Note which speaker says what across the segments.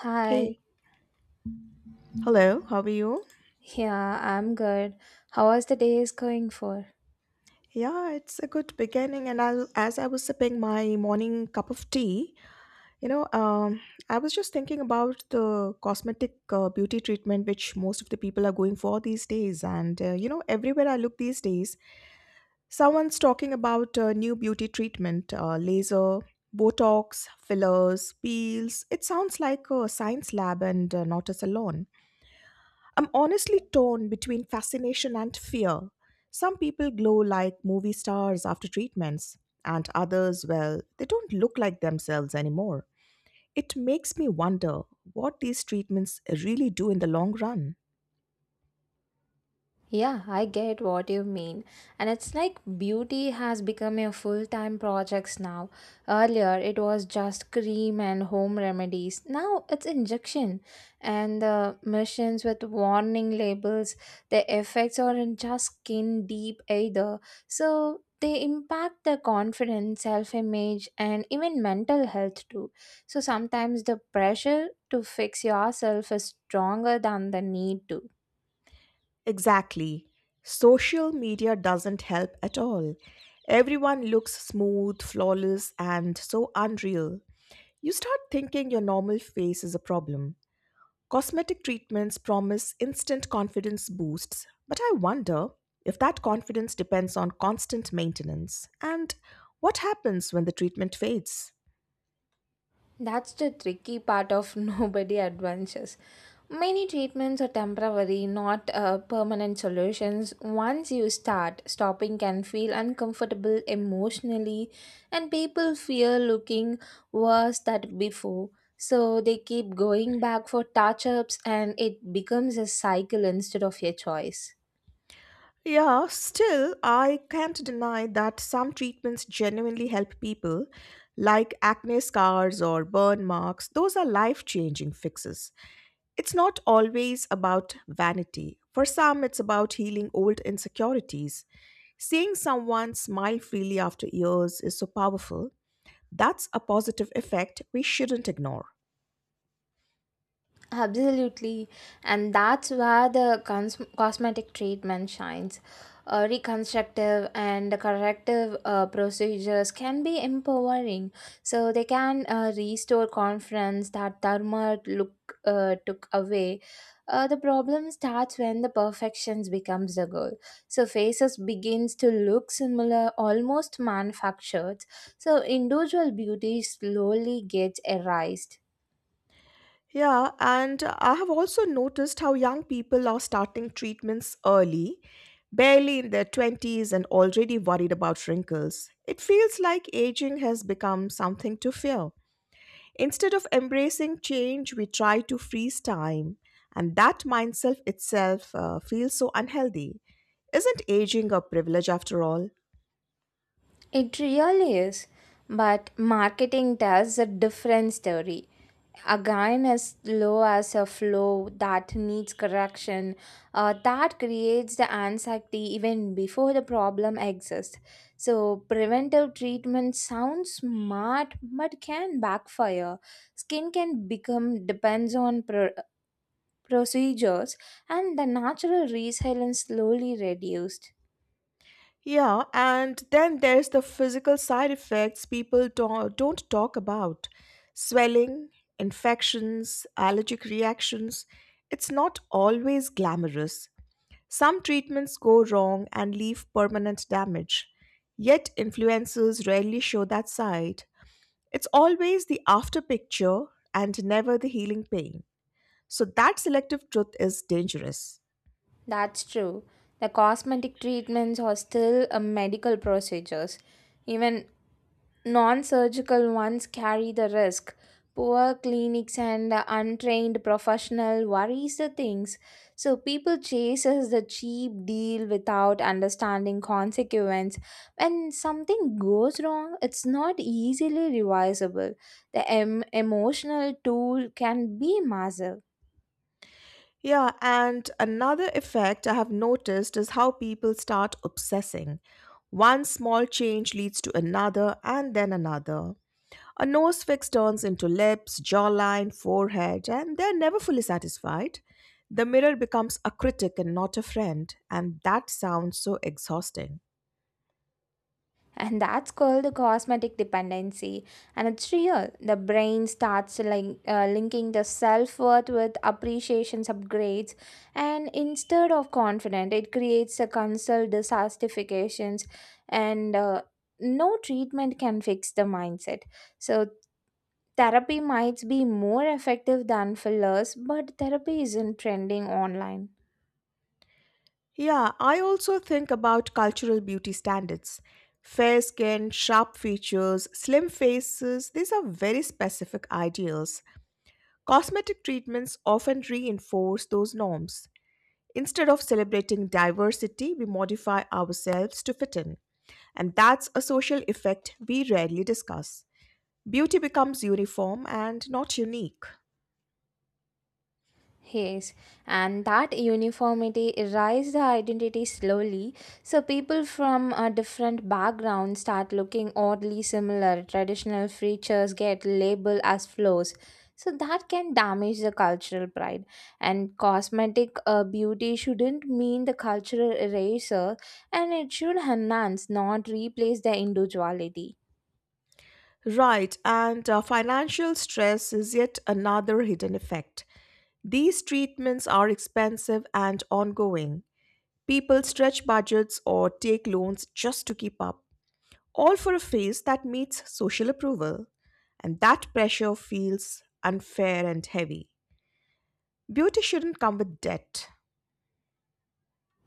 Speaker 1: Hi.
Speaker 2: Hey, hello, how are you?
Speaker 1: Yeah, I'm good. How was the day is going for?
Speaker 2: Yeah, it's a good beginning. And I, as I was sipping my morning cup of tea, you know, um, I was just thinking about the cosmetic beauty treatment which most of the people are going for these days. And, everywhere I look these days, someone's talking about new beauty treatment, laser, Botox, fillers, peels. It sounds like a science lab and not a salon. I'm honestly torn between fascination and fear. Some people glow like movie stars after treatments, and others, well, they don't look like themselves anymore. It makes me wonder what these treatments really do in the long run.
Speaker 1: Yeah, I get what you mean. And it's like beauty has become a full time project now. Earlier, it was just cream and home remedies. Now, it's injection. And the machines with warning labels, the effects aren't just skin deep either. So, they impact the confidence, self image, and even mental health too. So, sometimes the pressure to fix yourself is stronger than the need to.
Speaker 2: Exactly. Social media doesn't help at all. Everyone looks smooth, flawless, and so unreal. You start thinking your normal face is a problem. Cosmetic treatments promise instant confidence boosts, but I wonder if that confidence depends on constant maintenance and what happens when the treatment fades.
Speaker 1: That's the tricky part of nobody adventures. Many treatments are temporary, not permanent solutions. Once you start, stopping can feel uncomfortable emotionally, and people fear looking worse than before. So they keep going back for touch ups, and it becomes a cycle instead of a choice.
Speaker 2: Yeah, still, I can't deny that some treatments genuinely help people, like acne scars or burn marks. Those are life changing fixes. It's not always about vanity. For some, it's about healing old insecurities. Seeing someone smile freely after years is so powerful. That's a positive effect we shouldn't ignore.
Speaker 1: Absolutely, and that's where the cosmetic treatment shines. Reconstructive and corrective procedures can be empowering, so they can restore confidence that Dharma look took away. The problem starts when the perfections becomes the goal. So faces begins to look similar, almost manufactured. So individual beauty slowly gets erased.
Speaker 2: Yeah, and I have also noticed how young people are starting treatments early, barely in their twenties and already worried about wrinkles. It feels like aging has become something to fear. Instead of embracing change, we try to freeze time, and that mindset itself feels so unhealthy. Isn't aging a privilege after all?
Speaker 1: It really is. But marketing tells a different story. Again, as low as a flow that needs correction, that creates the anxiety even before the problem exists. So, preventive treatment sounds smart but can backfire. Skin can become depends on procedures and the natural resilience slowly reduced.
Speaker 2: Yeah, and then there's the physical side effects people don't talk about swelling, infections, allergic reactions. It's not always glamorous. Some treatments go wrong and leave permanent damage. Yet, influencers rarely show that side. It's always the after picture and never the healing pain. So, that selective truth is dangerous.
Speaker 1: That's true. The cosmetic treatments are still a medical procedures. Even non surgical ones carry the risk. Poor clinics and untrained professional worries the things. So people chases the cheap deal without understanding consequence. When something goes wrong, it's not easily revisable. The emotional tool can be massive.
Speaker 2: Yeah, and another effect I have noticed is how people start obsessing. One small change leads to another and then another. A nose fix turns into lips, jawline, forehead, and they're never fully satisfied. The mirror becomes a critic and not a friend, and that sounds so exhausting.
Speaker 1: And that's called the cosmetic dependency, and it's real. The brain starts like linking the self-worth with appreciations upgrades, and instead of confident it creates a consult dissatisfactions, and no treatment can fix the mindset. So therapy might be more effective than fillers, but therapy isn't trending online.
Speaker 2: Yeah, I also think about cultural beauty standards. Fair skin, sharp features, slim faces, these are very specific ideals. Cosmetic treatments often reinforce those norms. Instead of celebrating diversity, we modify ourselves to fit in, and that's a social effect we rarely discuss. Beauty becomes uniform and not unique.
Speaker 1: Yes, and that uniformity erased the identity slowly, so people from a different background start looking oddly similar. Traditional features get labeled as flaws, so that can damage the cultural pride. And cosmetic beauty shouldn't mean the cultural eraser, and it should enhance, not replace the individuality.
Speaker 2: Right, and financial stress is yet another hidden effect. These treatments are expensive and ongoing. People stretch budgets or take loans just to keep up, all for a face that meets social approval, and that pressure feels unfair and heavy. Beauty shouldn't come with debt.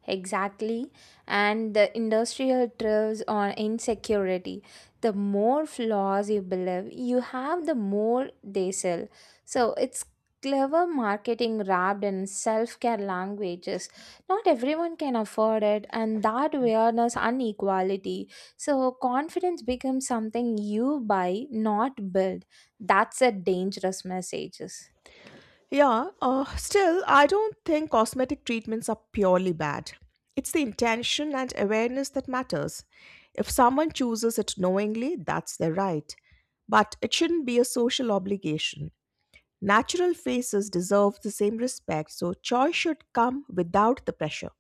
Speaker 1: Exactly. And the industrial thrives on insecurity. The more flaws you believe you have, the more they sell. So it's clever marketing wrapped in self care languages. Not everyone can afford it, and that awareness inequality. So confidence becomes something you buy, not build. That's a dangerous message.
Speaker 2: Yeah, still, I don't think cosmetic treatments are purely bad. It's the intention and awareness that matters. If someone chooses it knowingly, that's their right. But it shouldn't be a social obligation. Natural faces deserve the same respect, so choice should come without the pressure.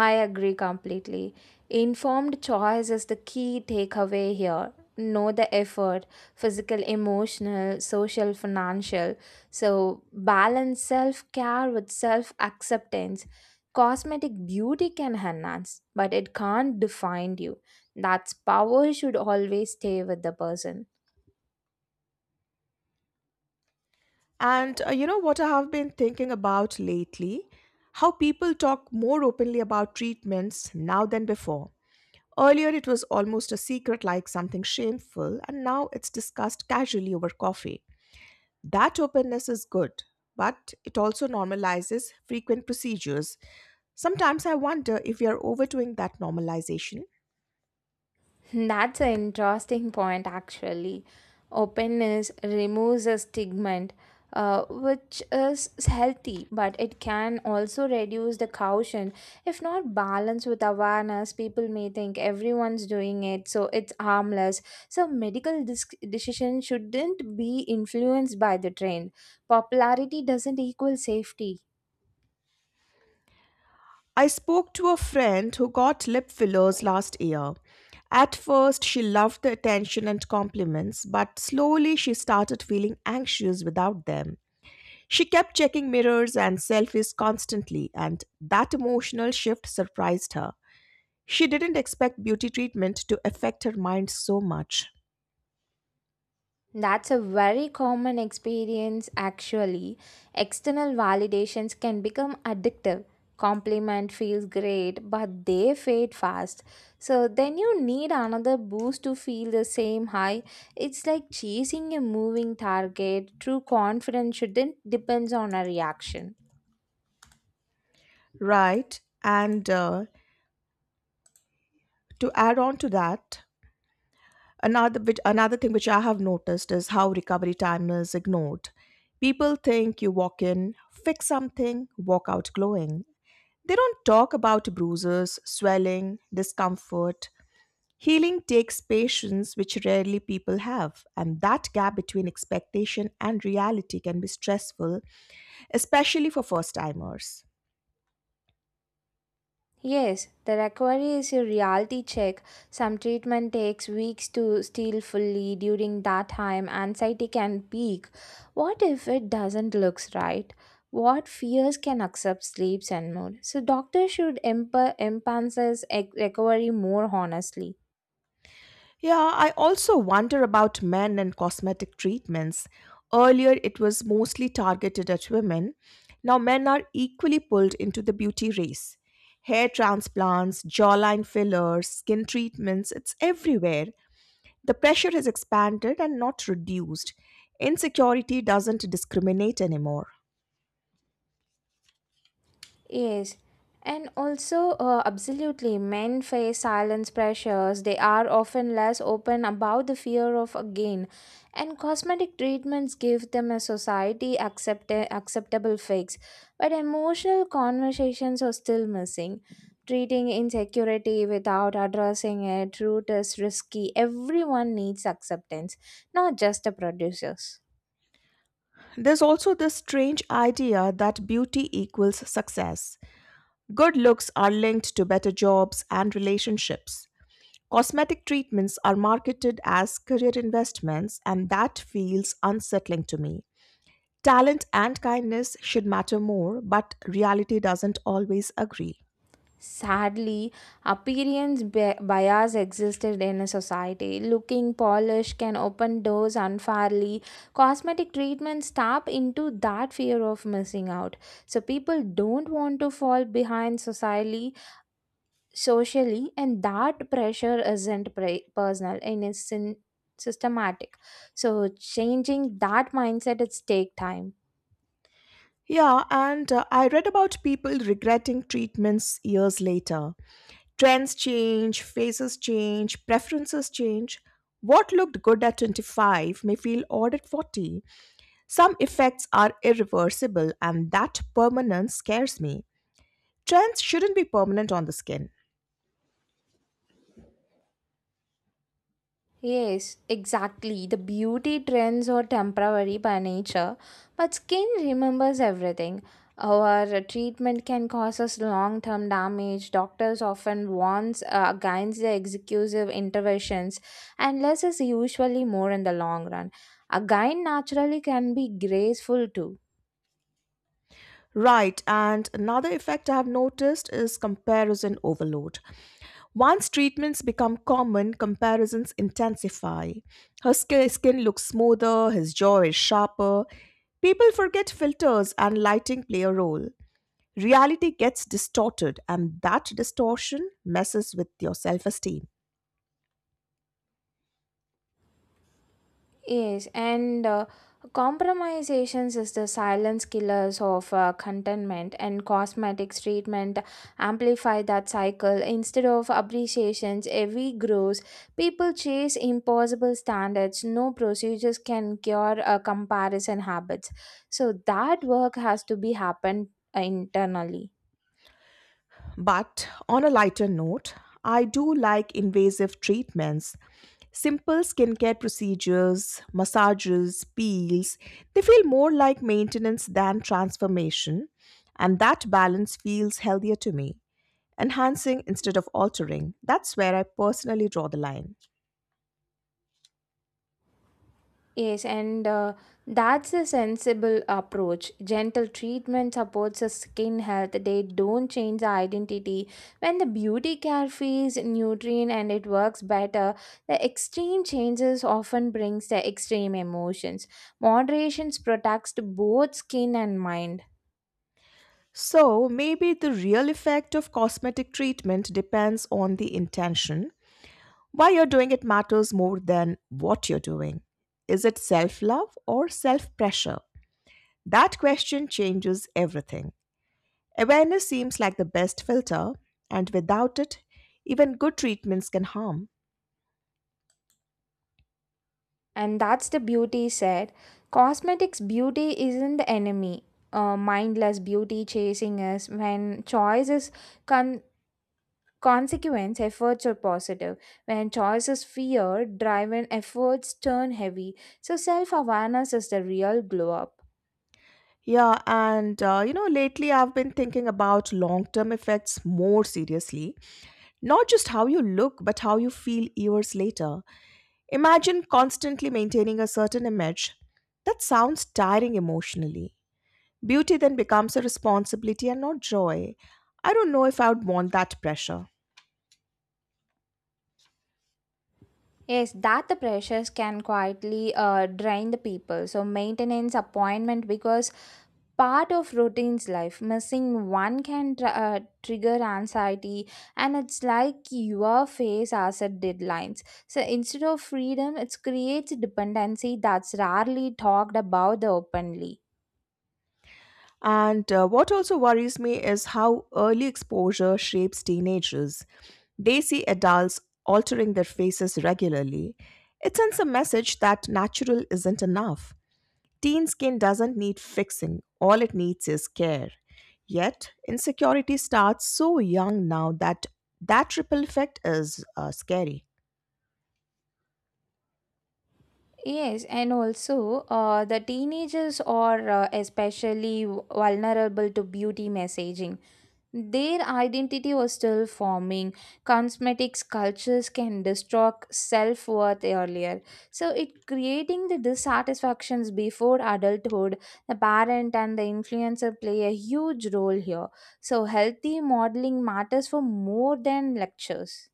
Speaker 1: I agree completely. Informed choice is the key takeaway here. Know the effort, physical, emotional, social, financial. So, balance self care with self acceptance. Cosmetic beauty can enhance, but it can't define you. That's power should always stay with the person.
Speaker 2: And you know what I have been thinking about lately? How people talk more openly about treatments now than before. Earlier, it was almost a secret like something shameful, and now it's discussed casually over coffee. That openness is good, but it also normalizes frequent procedures. Sometimes I wonder if we are overdoing that normalization.
Speaker 1: That's an interesting point, actually. Openness removes a stigma, which is healthy, but it can also reduce the caution. If not balanced with awareness, people may think everyone's doing it, so it's harmless. So, medical decision shouldn't be influenced by the trend. Popularity doesn't equal safety.
Speaker 2: I spoke to a friend who got lip fillers last year. At first, she loved the attention and compliments, but slowly she started feeling anxious without them. She kept checking mirrors and selfies constantly, and that emotional shift surprised her. She didn't expect beauty treatment to affect her mind so much.
Speaker 1: That's a very common experience actually. External validations can become addictive. Compliment feels great, but they fade fast. So then you need another boost to feel the same high. It's like chasing a moving target. True confidence shouldn't depends on a reaction.
Speaker 2: Right, and to add on to that, another thing which I have noticed is how recovery time is ignored. People think you walk in, fix something, walk out glowing. They don't talk about bruises, swelling, discomfort. Healing takes patience which rarely people have, and that gap between expectation and reality can be stressful, especially for first timers.
Speaker 1: Yes, the recovery is a reality check. Some treatment takes weeks to heal fully. During that time, anxiety can peak. What if it doesn't looks right? What fears can accept sleeps and more? So doctor should emphasize recovery more honestly.
Speaker 2: Yeah, I also wonder about men and cosmetic treatments. Earlier, it was mostly targeted at women. Now, men are equally pulled into the beauty race. Hair transplants, jawline fillers, skin treatments, it's everywhere. The pressure has expanded and not reduced. Insecurity doesn't discriminate anymore.
Speaker 1: Yes, and also, absolutely, men face silence pressures. They are often less open about the fear of a gain, and cosmetic treatments give them a society acceptable fix. But emotional conversations are still missing. Treating insecurity without addressing it, root is risky. Everyone needs acceptance, not just the producers.
Speaker 2: There's also this strange idea that beauty equals success. Good looks are linked to better jobs and relationships. Cosmetic treatments are marketed as career investments, and that feels unsettling to me. Talent and kindness should matter more, but reality doesn't always agree.
Speaker 1: Sadly, appearance bias existed in a society. Looking polished can open doors unfairly. Cosmetic treatments tap into that fear of missing out. So people don't want to fall behind socially, and that pressure isn't personal and it's systematic. So changing that mindset it's take time.
Speaker 2: Yeah, and I read about people regretting treatments years later. Trends change, faces change, preferences change. What looked good at 25 may feel odd at 40. Some effects are irreversible, and that permanence scares me. Trends shouldn't be permanent on the skin.
Speaker 1: Yes, exactly. The beauty trends are temporary by nature, but skin remembers everything. Our treatment can cause us long term damage. Doctors often warns against the exclusive interventions, and less is usually more in the long run. A guide naturally can be graceful too.
Speaker 2: Right, and another effect I have noticed is comparison overload. Once treatments become common, comparisons intensify. Her skin looks smoother, his jaw is sharper. People forget filters and lighting play a role. Reality gets distorted, and that distortion messes with your self esteem.
Speaker 1: Yes, and compromisations is the silence killers of contentment, and cosmetics treatment amplify that cycle. Instead of appreciations, every grows. People chase impossible standards. No procedures can cure comparison habits. So that work has to be happened internally.
Speaker 2: But on a lighter note, I do like invasive treatments. Simple skincare procedures, massages, peels, they feel more like maintenance than transformation, and that balance feels healthier to me. Enhancing instead of altering, that's where I personally draw the line.
Speaker 1: Yes, and that's a sensible approach. Gentle treatment supports the skin health. They don't change the identity. When the beauty care feels nutrient and it works better, the extreme changes often brings the extreme emotions. Moderation protects both skin and mind.
Speaker 2: So, maybe the real effect of cosmetic treatment depends on the intention. Why you're doing it matters more than what you're doing. Is it self love or self pressure? That question changes everything. Awareness seems like the best filter, and without it, even good treatments can harm.
Speaker 1: And that's the beauty said. Cosmetics beauty isn't the enemy. Mindless beauty chasing us. When choice is con- consequence, efforts are positive. When choice is fear driven, efforts turn heavy. So self-awareness is the real glow up.
Speaker 2: Yeah, and lately I've been thinking about long term effects more seriously. Not just how you look, but how you feel years later. Imagine constantly maintaining a certain image. That sounds tiring emotionally. Beauty then becomes a responsibility and not joy. I don't know if I would want that pressure.
Speaker 1: Yes, that the pressures can quietly drain the people. So maintenance appointment because part of routine's life, missing one can trigger anxiety, and it's like your face as a deadlines. So instead of freedom, it creates dependency. That's rarely talked about the openly.
Speaker 2: And what also worries me is how early exposure shapes teenagers. They see adults altering their faces regularly. It sends a message that natural isn't enough. Teen skin doesn't need fixing, all it needs is care. Yet, insecurity starts so young now that ripple effect is scary.
Speaker 1: Yes, and also the teenagers are especially vulnerable to beauty messaging. Their identity was still forming. Cosmetics cultures can distort self worth earlier, so it creating the dissatisfactions before adulthood. The parent and the influencer play a huge role here. So healthy modeling matters for more than lectures.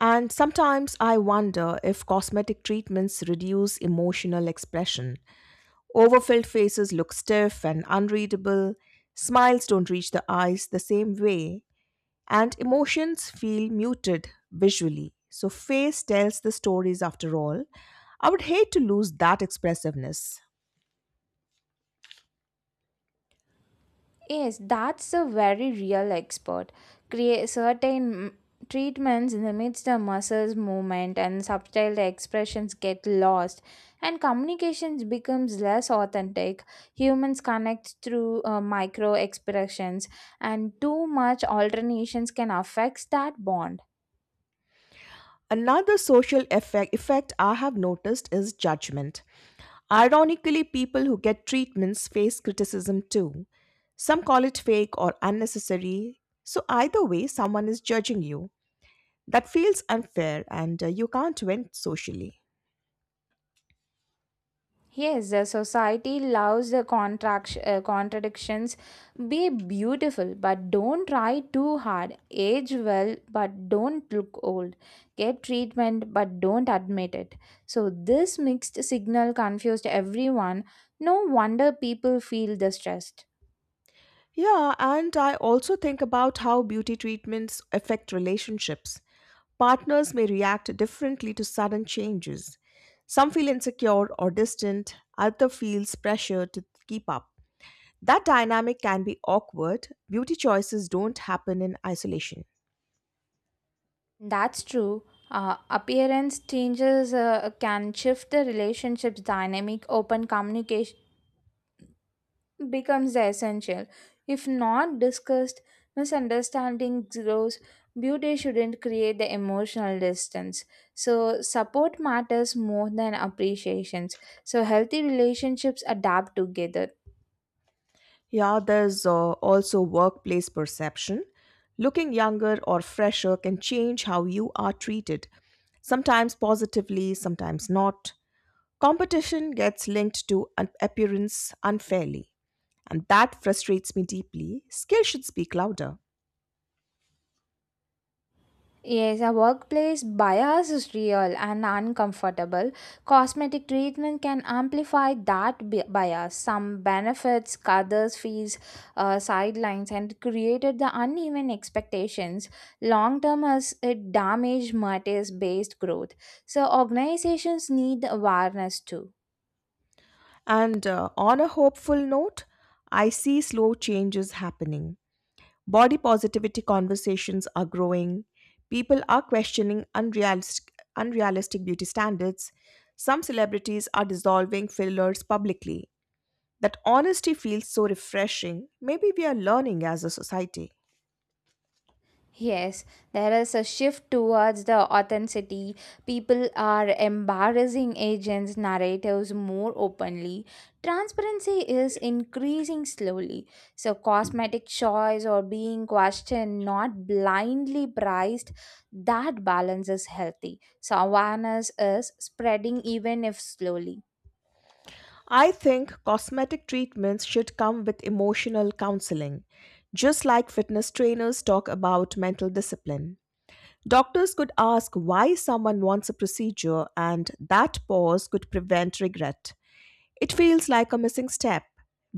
Speaker 2: And sometimes I wonder if cosmetic treatments reduce emotional expression. Overfilled faces look stiff and unreadable, smiles don't reach the eyes the same way, and emotions feel muted visually. So, face tells the stories after all. I would hate to lose that expressiveness.
Speaker 1: Yes, that's a very real expert. Create certain treatments limits the muscles movement and subtle expressions get lost and communications becomes less authentic. Humans connect through micro expressions, and too much alternations can affect that bond.
Speaker 2: Another social effect I have noticed is judgment. Ironically, people who get treatments face criticism too. Some call it fake or unnecessary. So, either way, someone is judging you. That feels unfair and you can't win socially.
Speaker 1: Yes, the society loves the contract, contradictions. Be beautiful, but don't try too hard. Age well, but don't look old. Get treatment, but don't admit it. So, this mixed signal confused everyone. No wonder people feel the stressed.
Speaker 2: Yeah, and I also think about how beauty treatments affect relationships. Partners may react differently to sudden changes. Some feel insecure or distant, other feels pressure to keep up. That dynamic can be awkward. Beauty choices don't happen in isolation.
Speaker 1: That's true. Appearance changes can shift the relationships dynamic. Open communication becomes the essential. If not discussed, misunderstanding grows. Beauty shouldn't create the emotional distance. So, support matters more than appreciations. So, healthy relationships adapt together.
Speaker 2: Yeah, there's also workplace perception. Looking younger or fresher can change how you are treated, sometimes positively, sometimes not. Competition gets linked to an appearance unfairly, and that frustrates me deeply. Skill should speak louder.
Speaker 1: Yes, a workplace bias is real and uncomfortable. Cosmetic treatment can amplify that bias. Some benefits, others fees, sidelines, and created the uneven expectations. Long term, as it damage matters based growth. So organizations need awareness too.
Speaker 2: And on a hopeful note, I see slow changes happening. Body positivity conversations are growing. People are questioning unrealistic beauty standards. Some celebrities are dissolving fillers publicly. That honesty feels so refreshing. Maybe we are learning as a society.
Speaker 1: Yes, there is a shift towards the authenticity. People are embarrassing agents' narratives more openly. Transparency is increasing slowly. So, cosmetic choice or being questioned, not blindly priced, that balance is healthy. So, awareness is spreading even if slowly.
Speaker 2: I think cosmetic treatments should come with emotional counseling, just like fitness trainers talk about mental discipline. Doctors could ask why someone wants a procedure, and that pause could prevent regret. It feels like a missing step.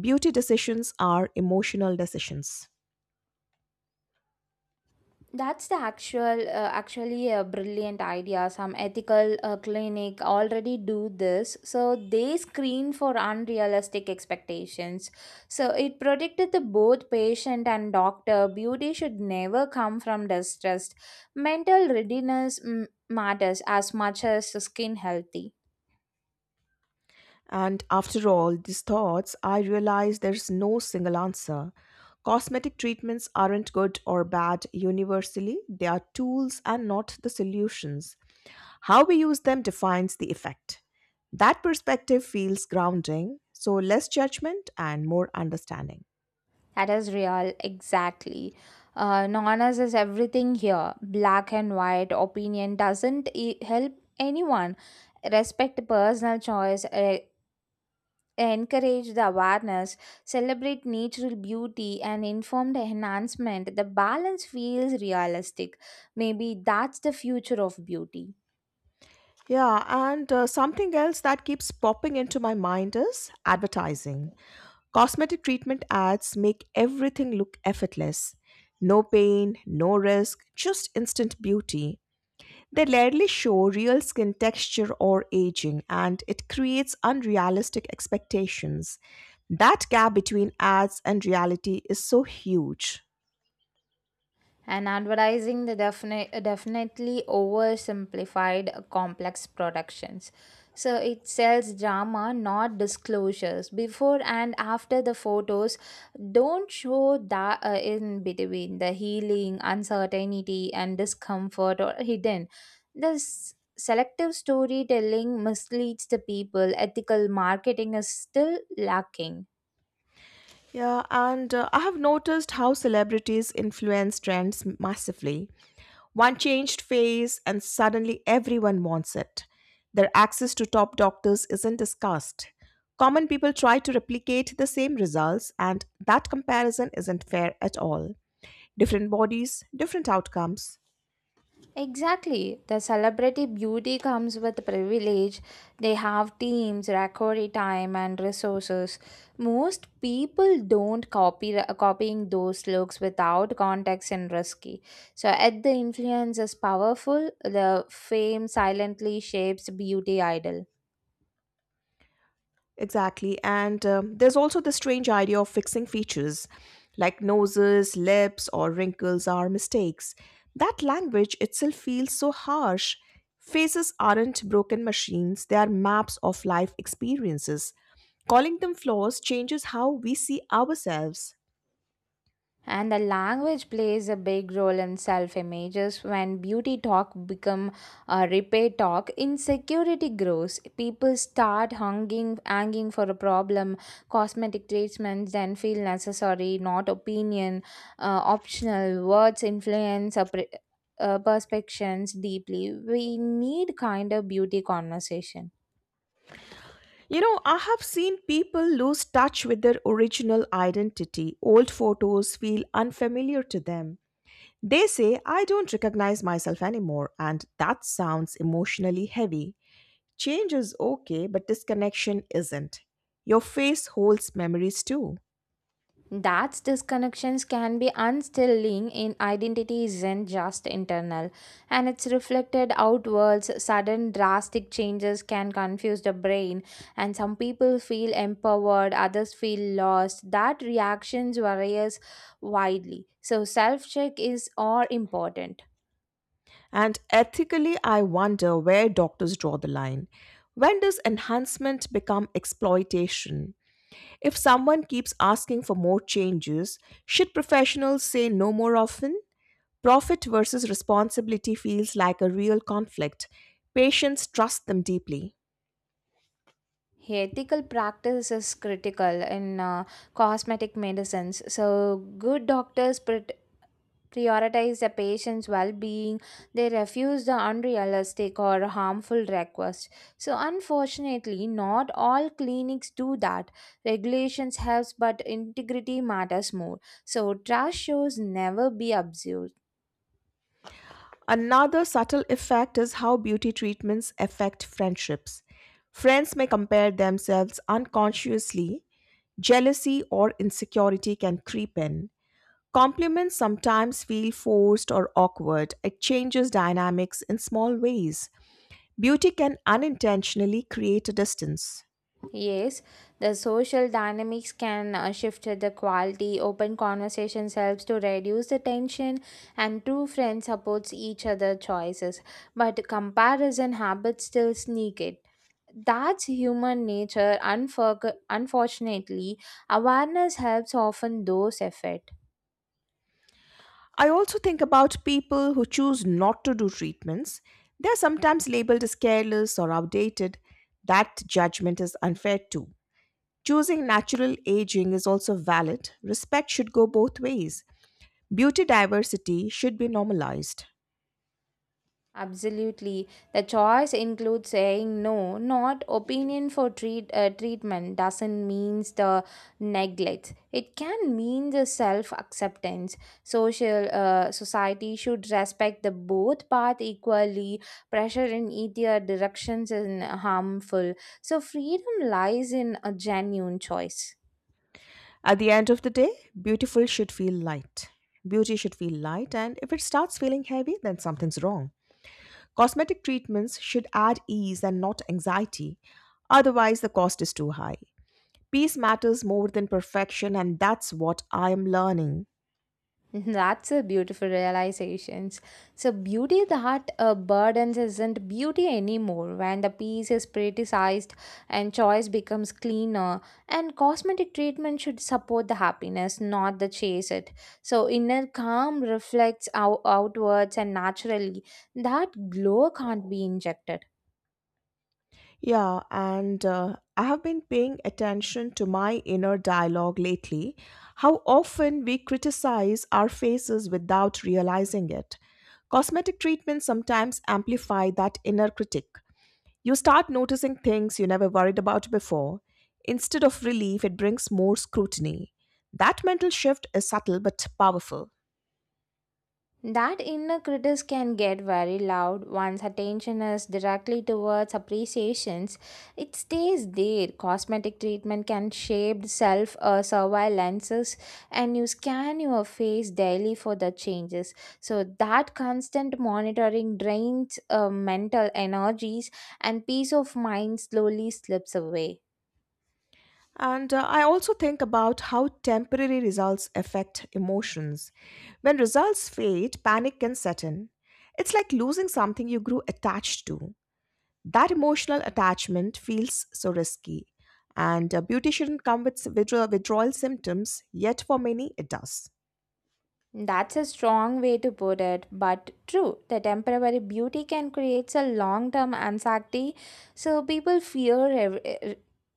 Speaker 2: Beauty decisions are emotional decisions.
Speaker 1: That's the actual, actually a brilliant idea. Some ethical clinic already do this, so they screen for unrealistic expectations. So it protected the both patient and doctor. Beauty should never come from distrust. Mental readiness matters as much as skin healthy.
Speaker 2: And after all these thoughts, I realize there's no single answer. Cosmetic treatments aren't good or bad universally, they are tools and not the solutions. How we use them defines the effect. That perspective feels grounding, so less judgment and more understanding.
Speaker 1: That is real, exactly. Nonas is everything here. Black and white opinion doesn't help anyone. Respect personal choice, encourage the awareness, celebrate natural beauty, and informed enhancement. The balance feels realistic. Maybe that's the future of beauty.
Speaker 2: Yeah, and something else that keeps popping into my mind is advertising. Cosmetic treatment ads make everything look effortless. No pain, no risk, just instant beauty. They rarely show real skin texture or aging, and it creates unrealistic expectations. That gap between ads and reality is so huge.
Speaker 1: And advertising the definitely oversimplified complex productions. So it sells drama, not disclosures. Before and after the photos don't show that in between the healing, uncertainty, and discomfort or hidden. This selective storytelling misleads the people. Ethical marketing is still lacking.
Speaker 2: Yeah, and I have noticed how celebrities influence trends massively. One changed face, and suddenly everyone wants it. Their access to top doctors isn't discussed. Common people try to replicate the same results, and that comparison isn't fair at all. Different bodies, different outcomes.
Speaker 1: Exactly. The celebrity beauty comes with privilege. They have teams, recovery time, and resources. Most people don't copy copying those looks without context and risky. So, at the influence is powerful, the fame silently shapes beauty idol.
Speaker 2: Exactly. And there's also the strange idea of fixing features like noses, lips, or wrinkles are mistakes. That language itself feels so harsh. Faces aren't broken machines, they are maps of life experiences. Calling them flaws changes how we see ourselves.
Speaker 1: And the language plays a big role in self-images. When beauty talk become a repair talk, insecurity grows. People start hanging for a problem. Cosmetic treatments then feel necessary, not opinion, optional. Words influence a perceptions deeply. We need kind of beauty conversation.
Speaker 2: You know, I have seen people lose touch with their original identity. Old photos feel unfamiliar to them. They say, I don't recognize myself anymore, and that sounds emotionally heavy. Change is okay, but disconnection isn't. Your face holds memories too.
Speaker 1: That's disconnections can be unstilling in identity isn't just internal, and it's reflected outwards. Sudden drastic changes can confuse the brain, and some people feel empowered, others feel lost. That reactions varies widely. So self-check is all important.
Speaker 2: And ethically, I wonder where doctors draw the line. When does enhancement become exploitation? If someone keeps asking for more changes, should professionals say no more often? Profit versus responsibility feels like a real conflict. Patients trust them deeply.
Speaker 1: Ethical practice is critical in cosmetic medicines. So, good doctors prioritize the patient's well-being. They refuse the unrealistic or harmful requests. So unfortunately not all clinics do that. Regulations helps, but integrity matters more. So trust shows never be abused.
Speaker 2: Another subtle effect is how beauty treatments affect friendships. Friends may compare themselves unconsciously, jealousy or insecurity can creep in. Compliments sometimes feel forced or awkward. It changes dynamics in small ways. Beauty can unintentionally create a distance.
Speaker 1: Yes, the social dynamics can shift the quality. Open conversations helps to reduce the tension, and true friends supports each other choices. But comparison habits still sneak it. That's human nature. Unfortunately, awareness helps often those effort.
Speaker 2: I also think about people who choose not to do treatments. They're sometimes labeled as careless or outdated. That judgment is unfair too. Choosing natural aging is also valid. Respect should go both ways. Beauty diversity should be normalized.
Speaker 1: Absolutely. The choice includes saying no, not opinion for treatment doesn't means the neglect. It can mean the self-acceptance. Social society should respect the both path equally. Pressure in either directions is harmful. So freedom lies in a genuine choice.
Speaker 2: At the end of the day, beautiful should feel light. Beauty should feel light, and if it starts feeling heavy, then something's wrong. Cosmetic treatments should add ease and not anxiety. Otherwise, the cost is too high. Peace matters more than perfection, and that's what I am learning.
Speaker 1: That's a beautiful realization. So, beauty that burdens isn't beauty anymore. When the piece is criticized and choice becomes cleaner. And cosmetic treatment should support the happiness, not the chase it. So, inner calm reflects outwards and naturally. That glow can't be injected.
Speaker 2: Yeah, and I have been paying attention to my inner dialogue lately. How often we criticize our faces without realizing it. Cosmetic treatments sometimes amplify that inner critic. You start noticing things you never worried about before. Instead of relief, it brings more scrutiny. That mental shift is subtle but powerful.
Speaker 1: That inner critic can get very loud once attention is directly towards appreciations. It stays there. Cosmetic treatment can shape self surveillances, and you scan your face daily for the changes. So, that constant monitoring drains mental energies, and peace of mind slowly slips away.
Speaker 2: And I also think about how temporary results affect emotions. When results fade, panic can set in. It's like losing something you grew attached to. That emotional attachment feels so risky, and a beauty shouldn't come with withdrawal symptoms, yet for many it does.
Speaker 1: That's a strong way to put it, but true, the temporary beauty can create a long term anxiety, so people fear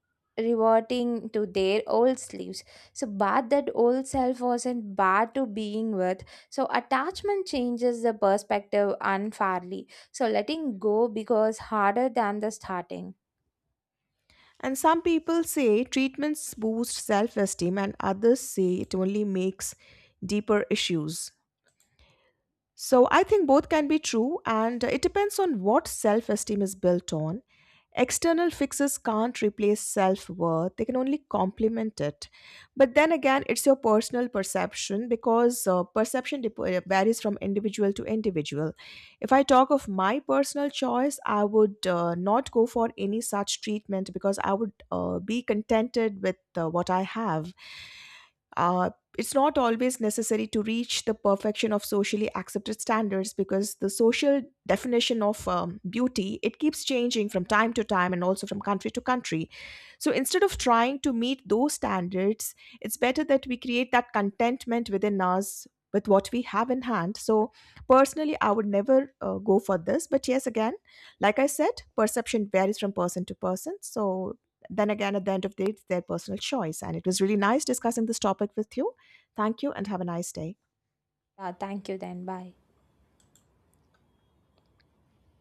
Speaker 1: reverting to their old selves. So, but that old self wasn't bad to being with, so attachment changes the perspective unfairly. So, letting go becomes harder than the starting.
Speaker 2: And some people say treatments boost self-esteem and others say it only makes deeper issues. So I think both can be true, and it depends on what self esteem is built on. External fixes can't replace self worth, they can only complement it. But then again, it's your personal perception because perception varies from individual to individual. If I talk of my personal choice, I would not go for any such treatment because I would be contented with what I have. Uh, it's not always necessary to reach the perfection of socially accepted standards, because the social definition of beauty, it keeps changing from time to time and also from country to country. So instead of trying to meet those standards, it's better that we create that contentment within us with what we have in hand. So personally, I would never go for this, but yes, again, like I said, perception varies from person to person. So then again, at the end of the day, it's their personal choice. And it was really nice discussing this topic with you. Thank you and have a nice day.
Speaker 1: Thank you, then, bye.